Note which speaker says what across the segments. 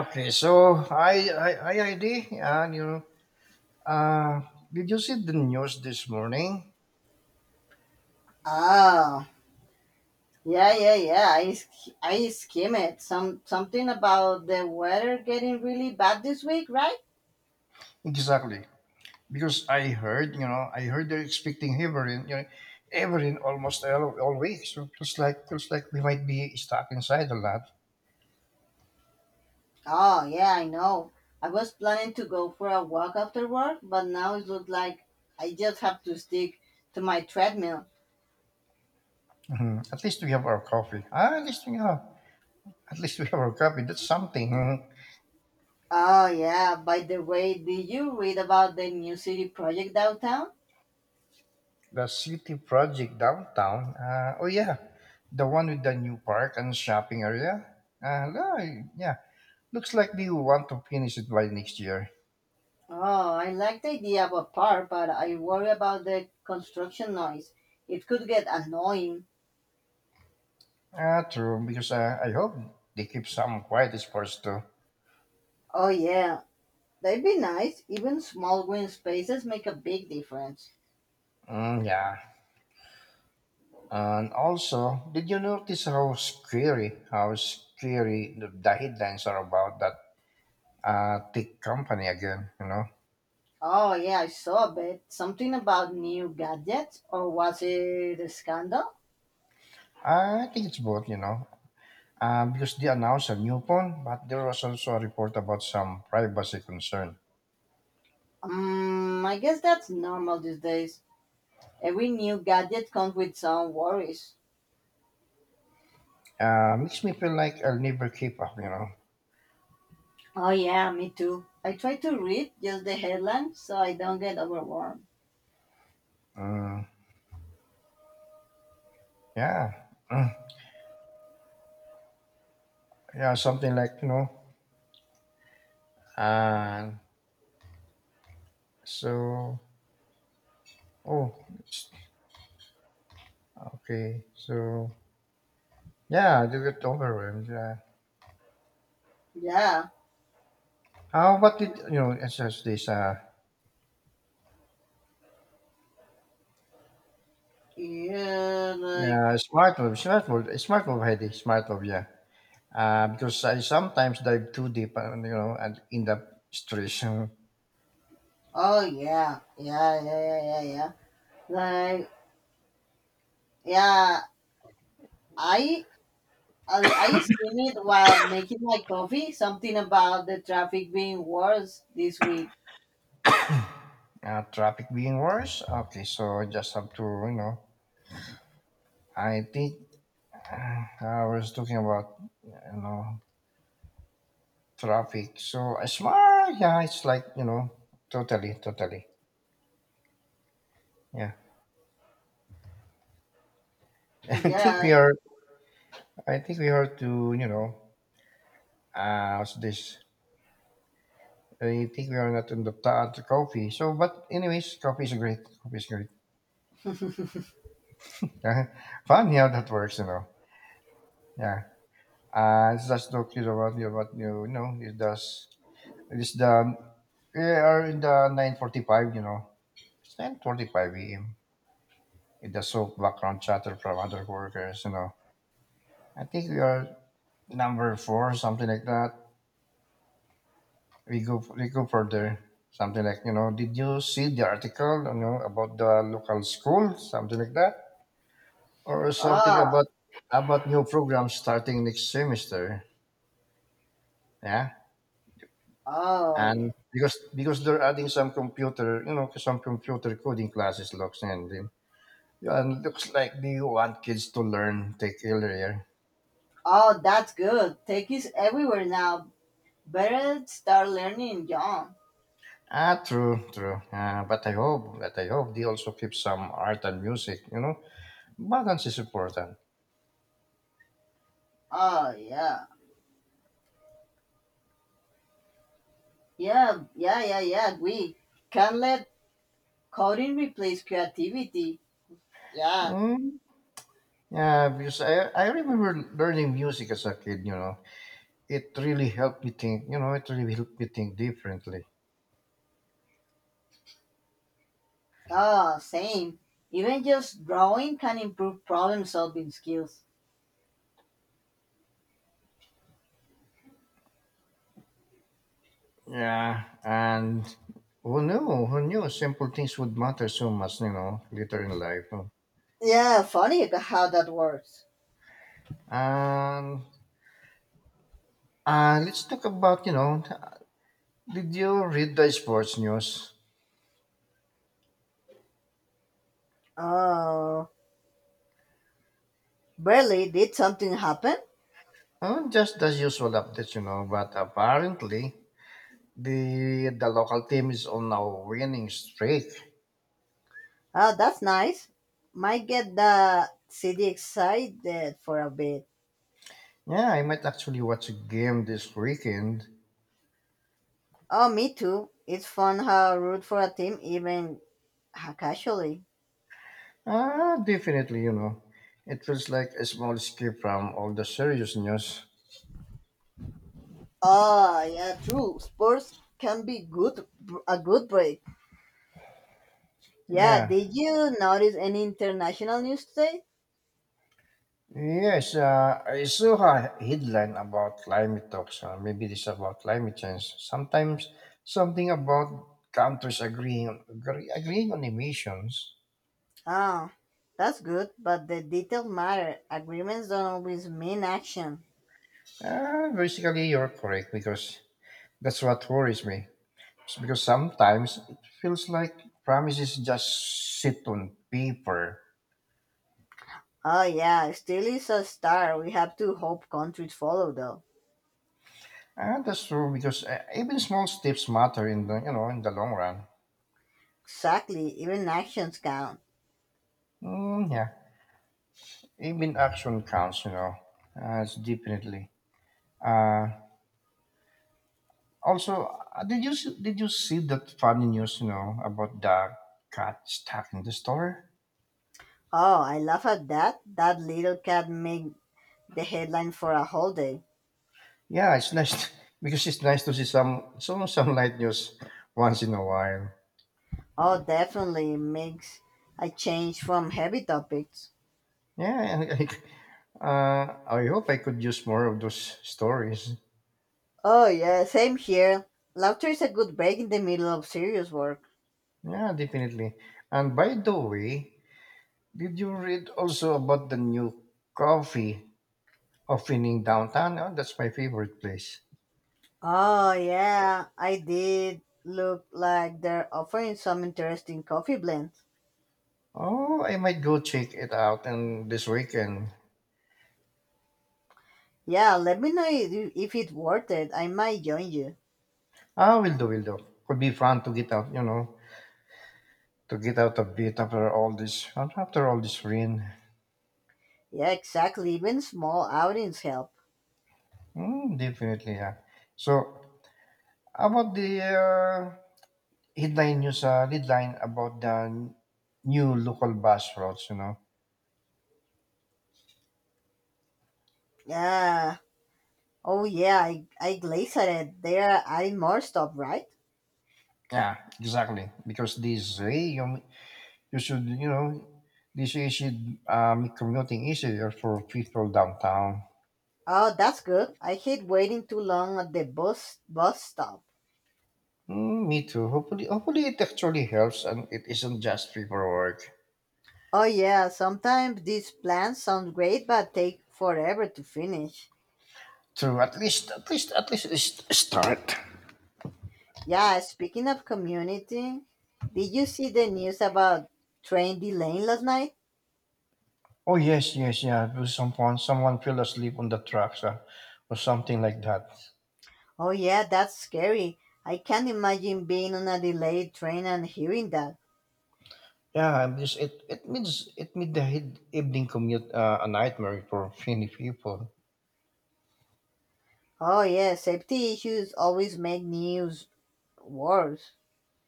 Speaker 1: Okay, so I ID and uh, did you see the news this morning?
Speaker 2: Ah, yeah, yeah, yeah. I skim it. Something about the weather getting really bad this week, right?
Speaker 1: Exactly, because I heard they're expecting Heverin Heverin almost all week. So feels like we might be stuck inside a lot.
Speaker 2: Oh, yeah, I know. I was planning to go for a walk after work, but now it looks like I just have to stick to my treadmill.
Speaker 1: Mhm. At least we have our coffee. Ah, at least we have at least we have our coffee. That's something. Mhm.
Speaker 2: Oh, yeah. By the way, did you read about the new city project downtown?
Speaker 1: The city project downtown. Oh yeah, the one with the new park and shopping area. No, I- Yeah. Looks like they want to finish it by next year.
Speaker 2: Oh, I like the idea of a park, but I worry about the construction noise. It could get annoying.
Speaker 1: Ah, true, because I hope they keep some quiet sports too.
Speaker 2: Oh, yeah. They'd be nice. Even small green spaces make a big difference.
Speaker 1: Mm, yeah. And also, did you notice how scary the headlines are about that tech company again, you know?
Speaker 2: Oh, yeah, I saw a bit. Something about new gadgets, or was it a scandal?
Speaker 1: Ah, I think it's both, you know, because they announced a new phone, but there was also a report about some privacy concern.
Speaker 2: I guess that's normal these days. Every new gadget comes with some worries.
Speaker 1: Makes me feel like I'll never keep up, you know?
Speaker 2: Oh, yeah, me too. I try to read just the headline so I don't get overwhelmed.
Speaker 1: Mm, yeah. Mm, yeah, something like, you know, Uh, so, oh, s- okay. So, yeah, I do get overwhelmed.
Speaker 2: Yeah,
Speaker 1: How what did you know? It's just this
Speaker 2: yeah, like,
Speaker 1: smart move, Heidi, smart move, yeah. Because I sometimes dive too deep, you know, and end up stress. and,
Speaker 2: oh, yeah, yeah, yeah, yeah, yeah, yeah. Like, yeah, I I seen it while making my coffee. Something about the traffic being worse this week.
Speaker 1: Uh, traffic being worse. Okay, so I just have to, you know, I think I was talking about, you know, traffic. So smart, yeah, it's like you know, totally, totally. Yeah, I think
Speaker 2: Yeah.
Speaker 1: we are. I think we are to what's this? I think we are not on the coffee. So, but anyways, coffee is great. Coffee is great. Yeah, funny how that works, you know. Yeah, it's just talk to you about you know it does. It's the we are in the 9:45. You know, it's 9:45 a.m. It does so background chatter from other workers. You know, I think we are number 4, something like that. We go further. Something like you know, did you see the article you know about the local school? Something like that, or something
Speaker 2: Oh,
Speaker 1: about new programs starting next semester. Yeah,
Speaker 2: oh, yeah.
Speaker 1: and because they're adding some computer, you know, some computer coding classes and looks like they want kids to learn tech earlier.
Speaker 2: Oh, that's good. Tech is everywhere now. Better start learning, John.
Speaker 1: Ah, true, true. But I hope they also keep some art and music. You know, balance is important.
Speaker 2: Oh, yeah. Yeah, yeah, yeah, yeah. We can't let coding replace creativity. Yeah.
Speaker 1: Mm, yeah, because I remember learning music as a kid. You know, it really helped me think. You know, it really helped me think differently.
Speaker 2: Oh, same. Even just drawing can improve problem solving skills.
Speaker 1: Yeah, and who knew? Who knew? Simple things would matter so much. You know, later in life. No?
Speaker 2: Yeah, funny how that works.
Speaker 1: And let's talk about. You know, did you read the sports news?
Speaker 2: Oh. Barely did something happen.
Speaker 1: Oh, just the usual updates. You know, but apparently the local team is on a winning streak.
Speaker 2: Oh, that's nice. Might get the city excited for a bit.
Speaker 1: Yeah, I might actually watch a game this weekend.
Speaker 2: Oh, me too. It's fun how I root for a team even casually.
Speaker 1: Ah, definitely, you know. It feels like a small escape from all the serious news.
Speaker 2: Oh, yeah, true. Sports can be good, a good break. Yeah,
Speaker 1: Yeah.
Speaker 2: did you notice any international news today?
Speaker 1: Yes, I saw a headline about climate talks. Maybe this about climate change. Sometimes something about countries agreeing on emissions.
Speaker 2: Oh, that's good, but the details matter. Agreements don't always mean action.
Speaker 1: Basically, you're correct because that's what worries me. It's because sometimes it feels like promises just sit on paper.
Speaker 2: Oh, yeah, still is a star. We have to hope countries follow, though.
Speaker 1: That's true because even small steps matter in the in the long run.
Speaker 2: Exactly, even actions count.
Speaker 1: Mm, yeah, even action counts. You know, it's definitely. Uh, Also, did you see that funny news? You know about the cat stuck in the store.
Speaker 2: Oh, I laugh at that. That little cat made the headline for a whole day.
Speaker 1: Yeah, it's nice because it's nice to see some light news once in a while.
Speaker 2: Oh, definitely makes a change from heavy topics.
Speaker 1: Yeah, and like, I hope I could use more of those stories.
Speaker 2: Oh, yeah, same here. Laughter is a good break in the middle of serious work.
Speaker 1: Yeah, definitely. And by the way, did you read also about the new coffee opening downtown? Oh, that's my favorite place.
Speaker 2: Oh, yeah, I did look like they're offering some interesting coffee blends.
Speaker 1: Oh, I might go check it out and this weekend.
Speaker 2: Yeah, let me know if it's worth it. I might join you.
Speaker 1: Ah, will do, will do. Could be fun to get out, you know, to get out a bit after all this rain.
Speaker 2: Yeah, exactly. Even small outings help.
Speaker 1: Mm, definitely, yeah. So, about the headline about the new local bus routes, you know.
Speaker 2: Yeah. Oh yeah, I glazed it. They are adding more stuff, right?
Speaker 1: Yeah, exactly. Because this way, You should, you know, this should make commuting easier for people downtown.
Speaker 2: Oh, that's good. I hate waiting too long at the bus stop.
Speaker 1: Mm, me too. Hopefully it actually helps and it isn't just paperwork.
Speaker 2: Oh yeah, sometimes these plans sound great but take forever to finish.
Speaker 1: True. At least it's a start.
Speaker 2: Yeah, speaking of community, did you see the news about train delaying last night?
Speaker 1: Oh yes, yes, yeah. Because someone fell asleep on the tracks, or something like that.
Speaker 2: Oh yeah, that's scary. I can't imagine being on a delayed train and hearing that.
Speaker 1: Yeah, because it means it made the evening commute a nightmare for many people.
Speaker 2: Oh yeah, safety issues always make news worse.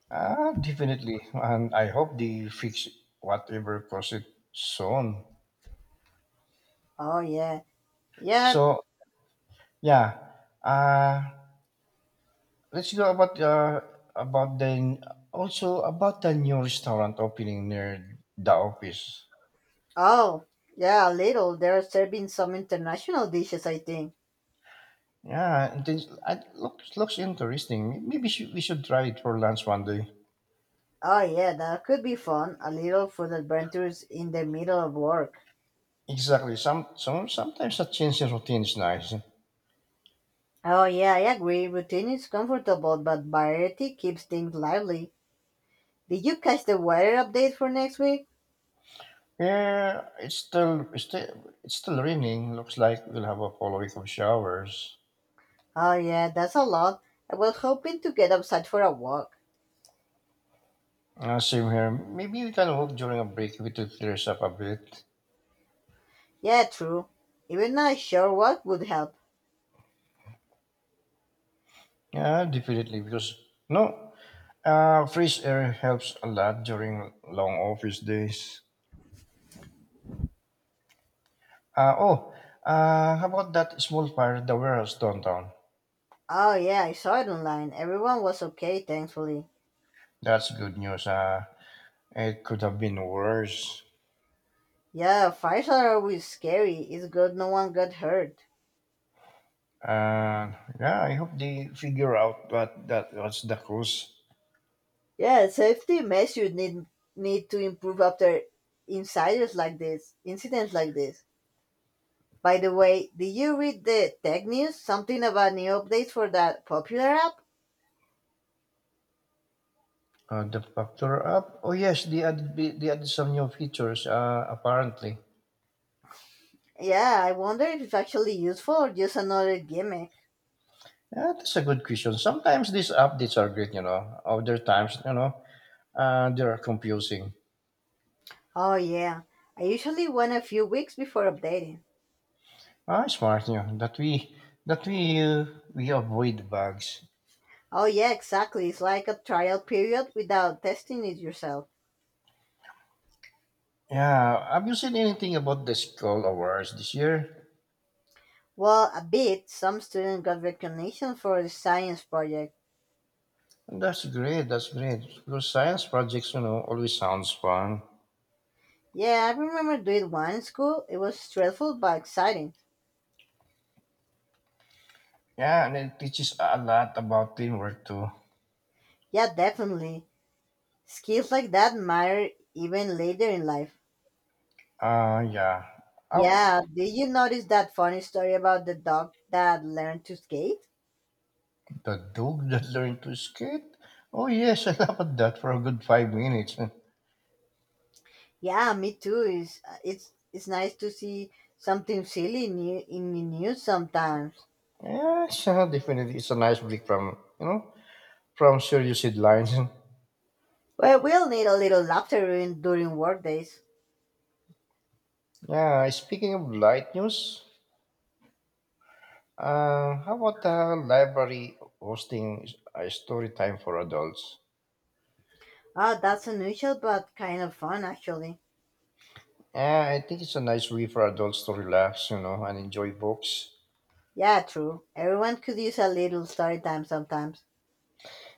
Speaker 1: Ah, definitely, and I hope they fix whatever caused it soon.
Speaker 2: Oh yeah. Yeah.
Speaker 1: So yeah, uh, let's go about the also about the new restaurant opening near the office.
Speaker 2: Oh, yeah, a little. They're serving some international dishes, I think.
Speaker 1: Yeah, it is, looks interesting. We should try it for lunch one day.
Speaker 2: Oh, yeah, that could be fun. A little food adventures in the middle of work.
Speaker 1: Exactly. Sometimes a change in routine is nice.
Speaker 2: Oh, yeah, I agree. Routine is comfortable, but variety keeps things lively. Did you catch the weather update for next week?
Speaker 1: Yeah, it's still raining. Looks like we'll have a full week of showers.
Speaker 2: Oh, yeah, that's a lot. I was hoping to get outside for a walk.
Speaker 1: Same here. Maybe we can walk during a break if it clears up a bit.
Speaker 2: Yeah, true. Even not sure what would help.
Speaker 1: Yeah, definitely because no fresh air helps a lot during long office days. Uh, oh, how about that small fire that was downtown?
Speaker 2: Oh, yeah, I saw it online. Everyone was okay, thankfully.
Speaker 1: That's good news. It could have been worse.
Speaker 2: Yeah, fires are always scary. It's good no one got hurt.
Speaker 1: Uh, yeah, I hope they figure out what that was the cause.
Speaker 2: Yeah, safety measures need to improve after incidents like this. By the way, did you read the tech news? Something about new updates for that popular app?
Speaker 1: The factor up. Oh yes, they added they added some new features. Apparently,
Speaker 2: Yeah, I wonder if it's actually useful or just another gimmick.
Speaker 1: yeah, that's a good question. Sometimes these updates are great, you know. Other times, you know, they are confusing.
Speaker 2: Oh yeah, I usually wait a few weeks before updating.
Speaker 1: Ah, smart you know, that we avoid bugs.
Speaker 2: Oh yeah, exactly. It's like a trial period without testing it yourself.
Speaker 1: Yeah, have you seen anything about the school Awards this year?
Speaker 2: Well, a bit. Some students got recognition for a science project.
Speaker 1: That's great. That's great because science projects, you know, always sounds fun.
Speaker 2: Yeah, I remember doing one in school. It was stressful but exciting.
Speaker 1: Yeah, and it teaches a lot about teamwork too.
Speaker 2: Yeah, definitely. Skills like that matter even later in life.
Speaker 1: Yeah. Oh,
Speaker 2: Yeah, did you notice that funny story about the dog that learned to skate?
Speaker 1: the dog that learned to skate. Oh yes, I laughed at that for a good 5 minutes.
Speaker 2: Yeah, me too. It's nice to see something silly in the news sometimes.
Speaker 1: Yeah, so definitely it's a nice break from from serious headlines.
Speaker 2: Well, we'll need a little laughter during work days.
Speaker 1: Yeah, speaking of light news. How about the library hosting a story time for adults?
Speaker 2: Ah, that's unusual but kind of fun actually.
Speaker 1: I think it's a nice way for adults to relax, you know, and enjoy books.
Speaker 2: Yeah, true. Everyone could use a little story time sometimes.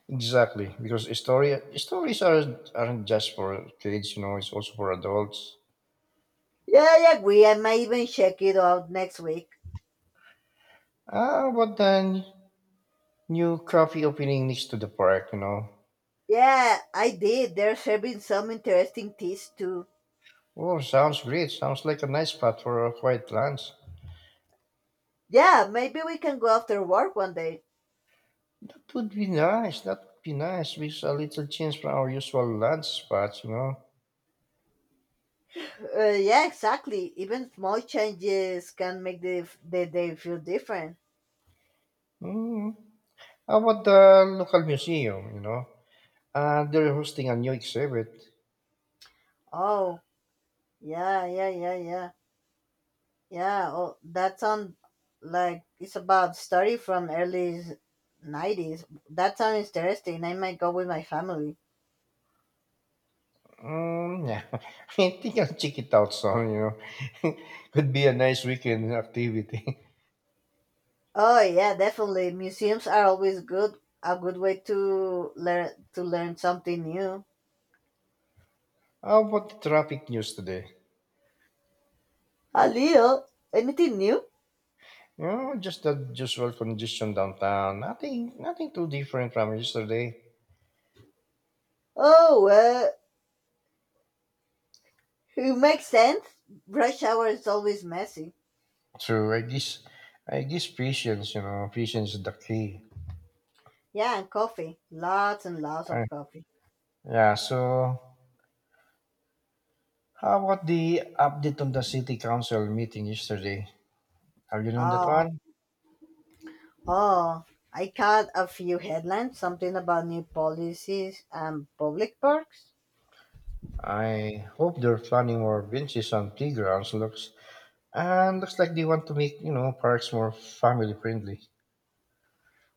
Speaker 1: Exactly, because story stories aren't just for kids, you know, it's also for adults.
Speaker 2: Yeah, I agree. I might even check it out next week.
Speaker 1: Ah, but then new coffee opening next to the park, you know.
Speaker 2: Yeah, I did. They're serving some interesting teas too.
Speaker 1: Oh, sounds great. Sounds like a nice spot for a quiet lunch.
Speaker 2: Yeah, maybe we can go after work one day.
Speaker 1: That would be nice. That would be nice. With a little change from our usual lunch spots, you know.
Speaker 2: Yeah, exactly. Even small changes can make the day feel different.
Speaker 1: Mm, how about the local museum, you know? They're hosting a new exhibit.
Speaker 2: Oh, yeah, yeah, yeah, yeah. Yeah, oh, that sounds like it's about story from early 90s. That sounds interesting. I might go with my family.
Speaker 1: Mm, yeah, I think I'll check it out soon, you know. Could be a nice weekend activity.
Speaker 2: Oh yeah, definitely. Museums are always good. A good way to learn something new.
Speaker 1: How about the traffic news today?
Speaker 2: A little, anything new?
Speaker 1: You know, just the usual congestion downtown. Nothing too different from yesterday.
Speaker 2: Oh well, it makes sense. Rush hour is always messy.
Speaker 1: True, I guess patience, you know, patience is the key.
Speaker 2: Yeah, and coffee. Lots and lots
Speaker 1: Uh,
Speaker 2: of coffee.
Speaker 1: yeah, so how about the update on the city council meeting yesterday? Have you known that
Speaker 2: Oh,
Speaker 1: one?
Speaker 2: oh. I caught a few headlines. Something about new policies and public parks.
Speaker 1: I hope they're planning more benches on playgrounds. Looks and looks like they want to make you know parks more family friendly.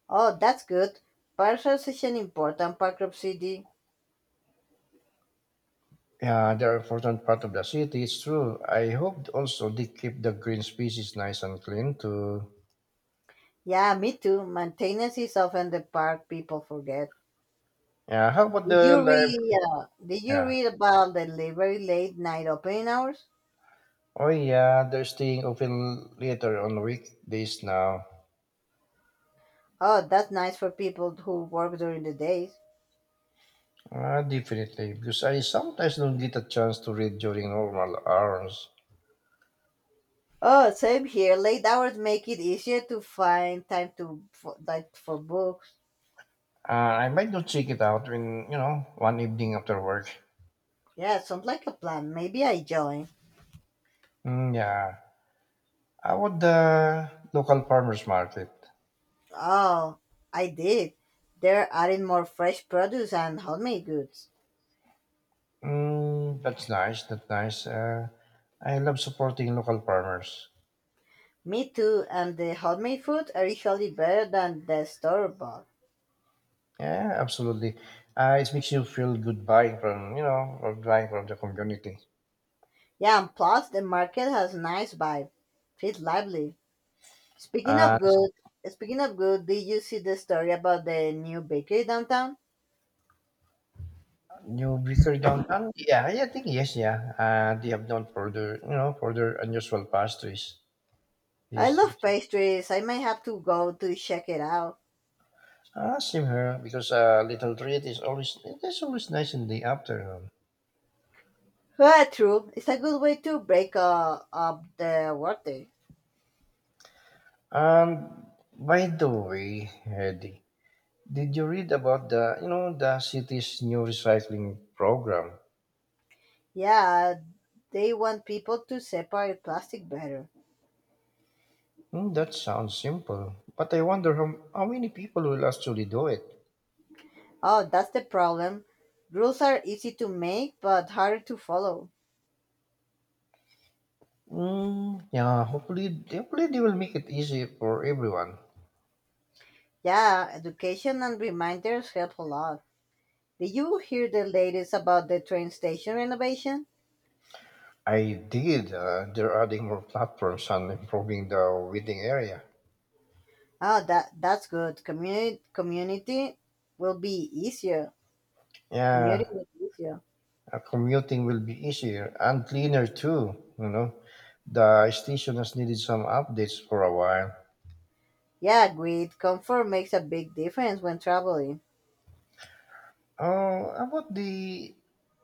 Speaker 2: Oh, that's good. Parks are such an important part of city.
Speaker 1: Yeah, they're an important part of the city. It's true. I hope also they keep the green spaces nice and clean too.
Speaker 2: Yeah, me too. Maintenance is often the part people forget.
Speaker 1: Yeah. How about
Speaker 2: Did
Speaker 1: the
Speaker 2: you
Speaker 1: library?
Speaker 2: read? Uh, did you
Speaker 1: Yeah.
Speaker 2: read about the very late night opening hours?
Speaker 1: Oh yeah, they're staying open later on weekdays now.
Speaker 2: Oh, that's nice for people who work during the days.
Speaker 1: Ah, definitely, because I sometimes don't get a chance to read during normal hours.
Speaker 2: Oh, same here. Late hours make it easier to find time to for, like for books.
Speaker 1: Uh, I might not check it out when you know one evening after work.
Speaker 2: Yeah, sounds like a plan. Maybe I join.
Speaker 1: Mm, yeah. I about the local farmers market?
Speaker 2: Oh, I did. They're adding more fresh produce and homemade goods.
Speaker 1: Mm, that's nice. That's nice. I love supporting local farmers.
Speaker 2: Me too. And the homemade food are usually better than the store bought.
Speaker 1: Yeah, absolutely. It makes you feel good buying from from buying from the community.
Speaker 2: Yeah, and plus the market has nice vibe. Feels lively. Speaking of
Speaker 1: Uh,
Speaker 2: good, speaking of good, did you see the story about the new bakery downtown?
Speaker 1: New bakery downtown. Yeah, yeah, I think yes, yeah. They have known for their for their unusual pastries.
Speaker 2: I love
Speaker 1: Pastries.
Speaker 2: pastries. I might have to go to check it out.
Speaker 1: Ah, same here because a little treat is always it is always nice in the afternoon.
Speaker 2: Well, true. It's a good way to break up the workday.
Speaker 1: Um, by the way, Eddie, did you read about the, you know, the city's new recycling program?
Speaker 2: Yeah, they want people to separate plastic better.
Speaker 1: Hmm, that sounds simple, but I wonder how many people will actually do it.
Speaker 2: Oh, that's the problem. Rules are easy to make but harder to follow.
Speaker 1: Hmm, yeah, hopefully they will make it easy for everyone.
Speaker 2: Yeah, education and reminders help a lot. Did you hear the latest about the train station renovation?
Speaker 1: I did. They're adding more platforms and improving the waiting area.
Speaker 2: Oh, that's good. Community will be easier. Community
Speaker 1: Yeah,
Speaker 2: will be easier.
Speaker 1: commuting will be easier and cleaner too. You know, the station has needed some updates for a while.
Speaker 2: Yeah, great. Comfort makes a big difference when traveling.
Speaker 1: About the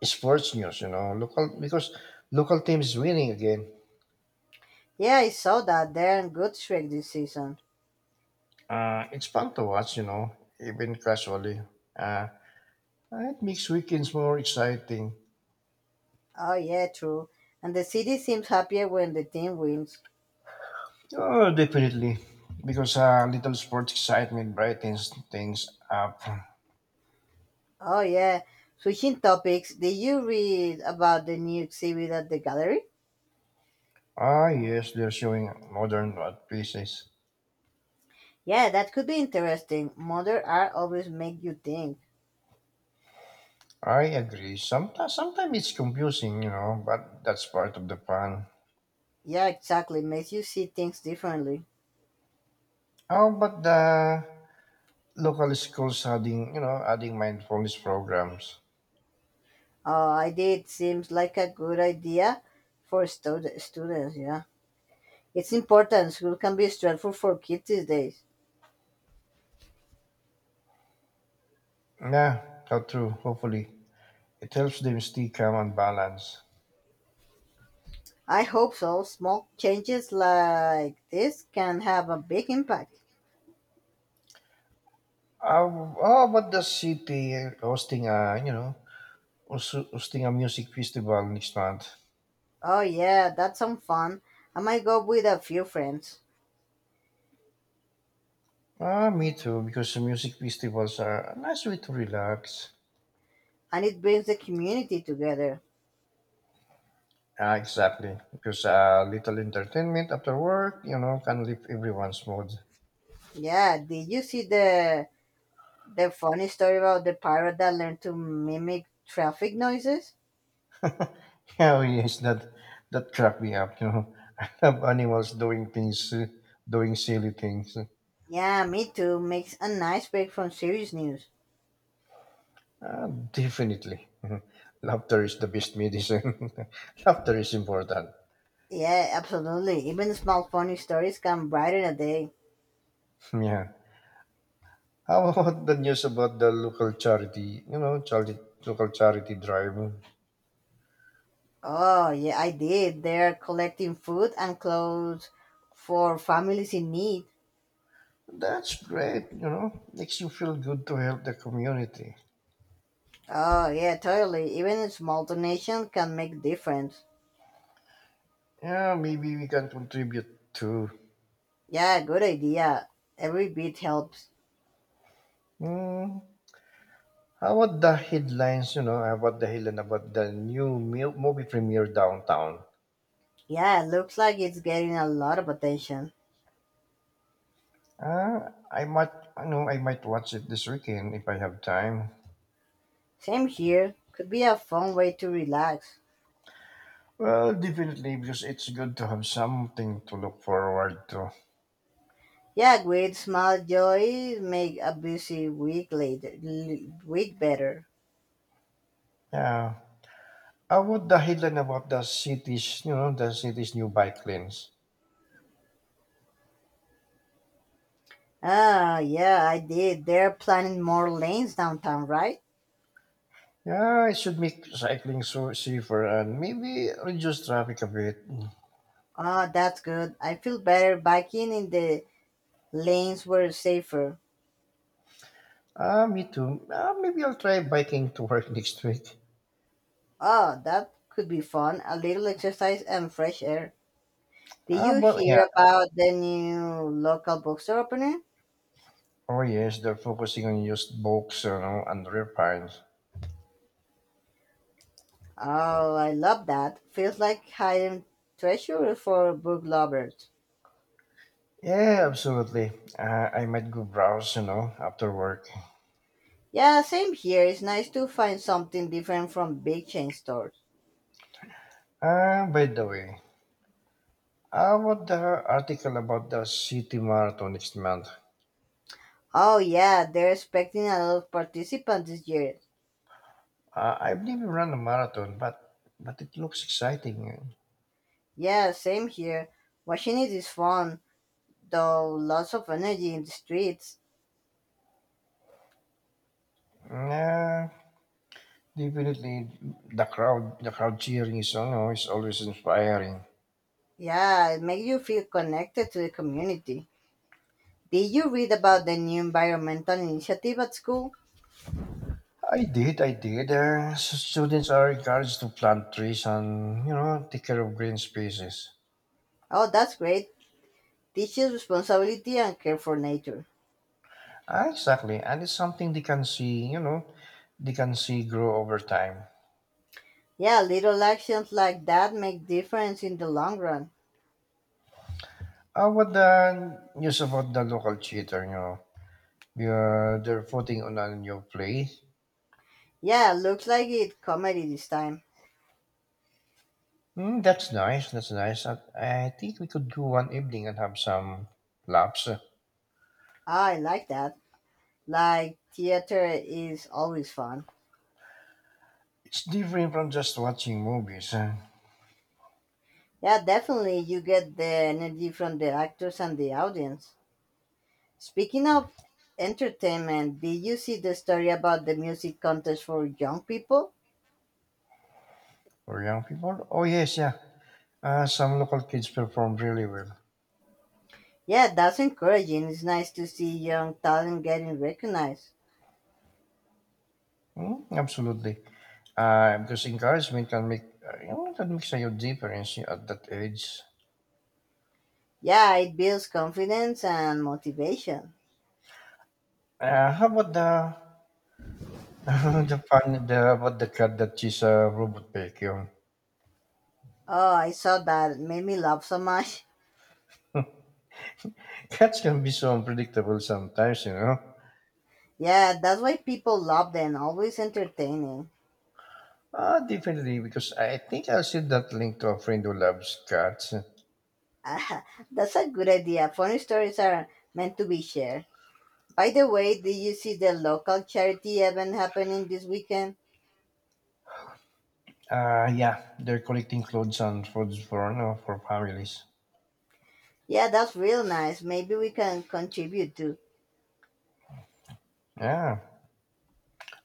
Speaker 1: sports news, you know, local because local teams winning again.
Speaker 2: Yeah, I saw that they're in good shape this season.
Speaker 1: It's fun to watch, you know, even casually. Uh, it makes weekends more exciting.
Speaker 2: Oh yeah, true. And the city seems happier when the team wins.
Speaker 1: Oh, definitely, because a little sports excitement brightens things up.
Speaker 2: Oh yeah. Switching topics, did you read about the new exhibit at the gallery?
Speaker 1: Ah, yes, they're showing modern art pieces.
Speaker 2: Yeah, that could be interesting. Modern art always make you think.
Speaker 1: I agree. Sometimes it's confusing, you know, but that's part of the fun.
Speaker 2: Yeah, exactly. Makes you see things differently.
Speaker 1: How about the local schools adding mindfulness programs.
Speaker 2: Oh, I did. Seems like a good idea for students, yeah. It's important. School can be stressful for kids these days.
Speaker 1: Yeah, how true. Hopefully, it helps them stay calm and balanced.
Speaker 2: I hope so. Small changes like this can have a big impact.
Speaker 1: How about the city hosting a, you know, also hosting a music festival next month?
Speaker 2: Oh, yeah, that's some fun. I might go with a few friends.
Speaker 1: Ah, me too. Because music festivals are a nice way to relax.
Speaker 2: And it brings the community together.
Speaker 1: Ah, exactly. Because a little entertainment after work, you know, can lift everyone's mood.
Speaker 2: Yeah, did you see the funny story about the parrot that learned to mimic traffic noises?
Speaker 1: Oh yes, that cracked me up. You know, I love animals doing silly things.
Speaker 2: Yeah, me too. Makes a nice break from serious news.
Speaker 1: Uh, Definitely, laughter is the best medicine. Laughter is important.
Speaker 2: Yeah, absolutely. Even small funny stories can brighten a day.
Speaker 1: Yeah. How about the news about the local charity? Local charity drive.
Speaker 2: Oh, yeah, I did. They're collecting food and clothes for families in need.
Speaker 1: That's great. You know, makes you feel good to help the community.
Speaker 2: Oh, yeah, totally. Even a small donation can make difference.
Speaker 1: Yeah, maybe we can contribute too.
Speaker 2: Yeah, good idea. Every bit helps.
Speaker 1: Hmm. How about the headline about the new movie premiere downtown?
Speaker 2: Yeah, looks like it's getting a lot of attention.
Speaker 1: Uh, I might, I might watch it this weekend if I have time.
Speaker 2: Same here. Could be a fun way to relax.
Speaker 1: Well, definitely, because it's good to have something to look forward to.
Speaker 2: Yeah, great small joys make a busy week later, week better.
Speaker 1: Yeah. How about the headline about the city's new bike lanes?
Speaker 2: Ah, yeah, I did. They're planning more lanes downtown, right?
Speaker 1: Yeah, it should make cycling so safer and maybe reduce traffic a bit.
Speaker 2: Ah, that's good. I feel better biking in the lanes were safer.
Speaker 1: Ah, me too. Ah, maybe I'll try biking to work next week.
Speaker 2: Ah, that could be fun. A little exercise and fresh air. Did
Speaker 1: Ah,
Speaker 2: you
Speaker 1: but yeah.
Speaker 2: hear about the new local bookstore opening?
Speaker 1: Oh yes, they're focusing on used books, you know, and rare finds.
Speaker 2: Oh, I love that. Feels like hidden treasure for book lovers.
Speaker 1: Yeah, absolutely. I might go browse, you know, after work.
Speaker 2: Yeah, same here. It's nice to find something different from big chain stores.
Speaker 1: By the way, how about the article about the city marathon next month?
Speaker 2: Oh yeah, they're expecting a lot of participants this year.
Speaker 1: I believe you run a marathon, but it looks exciting.
Speaker 2: Yeah, same here. Washing it is fun, though lots of energy in the streets.
Speaker 1: Yeah, definitely the crowd cheering is, you know, is always inspiring.
Speaker 2: Yeah, it makes you feel connected to the community. Did you read about the new environmental initiative at school?
Speaker 1: I did. Students are encouraged to plant trees and you know take care of green spaces.
Speaker 2: Oh, that's great. Teaches responsibility and care for nature.
Speaker 1: Ah, exactly. And it's something they can see grow over time.
Speaker 2: Yeah, little actions like that make difference in the long run.
Speaker 1: What the news about the local theater, you know, yeah, they're putting on a new play.
Speaker 2: Yeah, looks like it comedy this time.
Speaker 1: Mm, that's nice. That's nice. I think we could go one evening and have some laps.
Speaker 2: Ah, I like that. Like theater is always fun.
Speaker 1: It's different from just watching movies
Speaker 2: Yeah, definitely. You get the energy from the actors and the audience. Speaking of entertainment, did you see the story about the music contest for young people?
Speaker 1: for young people. Oh, yes, yeah. Some local kids perform really well.
Speaker 2: Yeah, that's encouraging. It's nice to see young talent getting recognized.
Speaker 1: Mm, absolutely. Because encouragement can make that makes a huge difference at that age.
Speaker 2: Yeah, it builds confidence and motivation.
Speaker 1: How about the the fun the about the cat that she's a robot vacuum?
Speaker 2: Oh, I saw that. It made me laugh so much.
Speaker 1: Cats can be so unpredictable sometimes, you know.
Speaker 2: Yeah, that's why people love them. Always entertaining.
Speaker 1: Definitely because I think I'll send that link to a friend who loves cats.
Speaker 2: That's a good idea. Funny stories are meant to be shared. By the way, did you see the local charity event happening this weekend?
Speaker 1: Yeah, they're collecting clothes and foods for you know, for families.
Speaker 2: Yeah, that's real nice. Maybe we can contribute too.
Speaker 1: Yeah,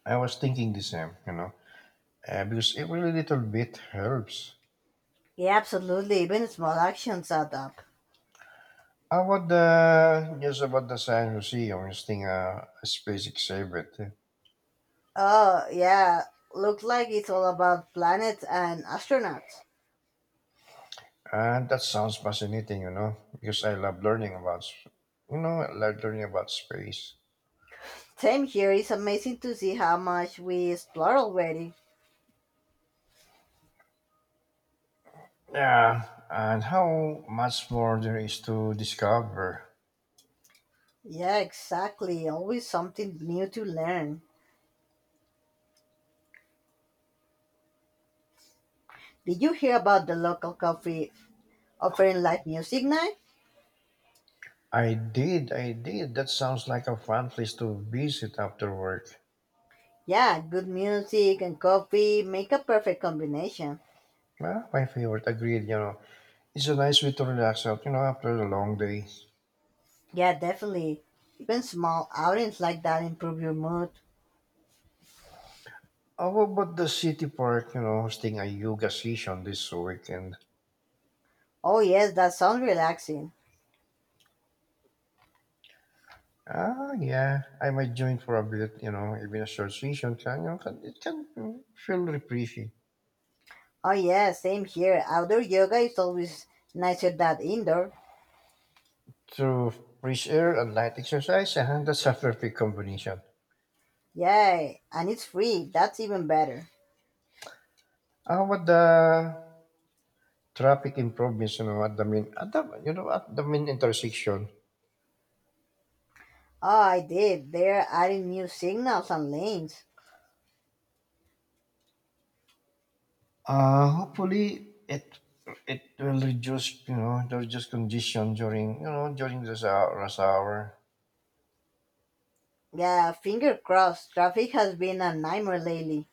Speaker 1: I was thinking the same, you know, because every little bit helps.
Speaker 2: Yeah, absolutely. Even small actions add up.
Speaker 1: How about the news about the Science Museum hosting a space exhibit?
Speaker 2: Oh, yeah. Looks like it's all about planets and astronauts.
Speaker 1: And that sounds fascinating, you know, because I love learning about, s- you know, I love learning about space.
Speaker 2: Same here. It's amazing to see how much we explore already.
Speaker 1: Yeah, and how much more there is to discover.
Speaker 2: Yeah, exactly. Always something new to learn. Did you hear about the local coffee offering live music night?
Speaker 1: I did. That sounds like a fun place to visit after work.
Speaker 2: Yeah, good music and coffee make a perfect combination.
Speaker 1: Well, my favorite, agreed, you know. It's a nice way to relax out, you know, after a long day.
Speaker 2: Yeah, definitely. Even small outings like that improve your mood.
Speaker 1: How about the city park, you know, hosting a yoga session this weekend?
Speaker 2: Oh, yes, that sounds relaxing.
Speaker 1: Ah, yeah, I might join for a bit, you know, even a short session can, you know, can, it can mm, feel refreshing.
Speaker 2: Oh, yeah, same here. Outdoor yoga is always nicer than indoor.
Speaker 1: So, fresh air and light exercise, that's a perfect combination.
Speaker 2: Yay, and it's free. That's even better.
Speaker 1: How about the traffic improvements, you know, at the main, at the, you know, at the main intersection?
Speaker 2: Oh, I did. They're adding new signals and lanes.
Speaker 1: Hopefully it will reduce congestion during this rush hour.
Speaker 2: Yeah, finger crossed. Traffic has been a nightmare lately.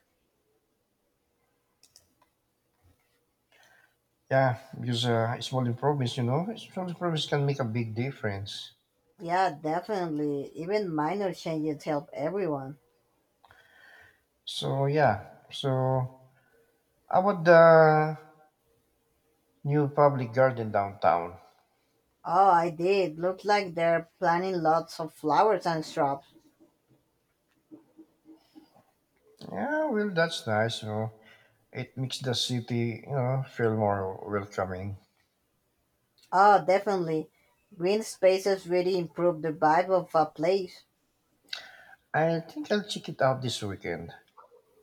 Speaker 1: Yeah, because small improvements can make a big difference.
Speaker 2: Yeah, definitely. Even minor changes help everyone.
Speaker 1: So yeah, so how about the new public garden downtown?
Speaker 2: Oh, I did. Looks like they're planting lots of flowers and shrubs.
Speaker 1: Yeah, well, that's nice. You know, it makes the city, you know, feel more welcoming.
Speaker 2: Oh, definitely. Green spaces really improve the vibe of a place.
Speaker 1: I think I'll check it out this weekend.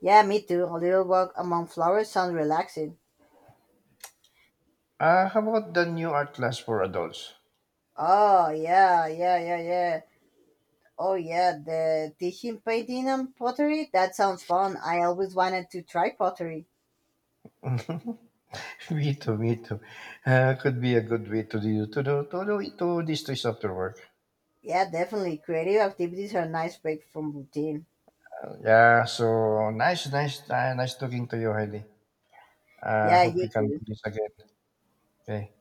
Speaker 2: Yeah, me too. A little walk among flowers sounds relaxing.
Speaker 1: How about the new art class for adults?
Speaker 2: Oh, yeah, yeah, yeah, yeah. Oh, yeah, the teaching painting and pottery? That sounds fun. I always wanted to try pottery.
Speaker 1: Me too. Could be a good way to do to do to do to these days after work.
Speaker 2: Yeah, definitely. Creative activities are a nice break from routine.
Speaker 1: Yeah, so nice talking to you, Heidi.
Speaker 2: Yeah,
Speaker 1: Hope we
Speaker 2: you
Speaker 1: can do
Speaker 2: too.
Speaker 1: this again. Okay.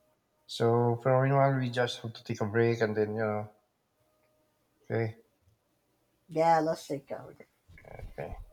Speaker 1: So for now, we just have to take a break and then, you know, okay.
Speaker 2: Yeah, let's take out.
Speaker 1: Okay.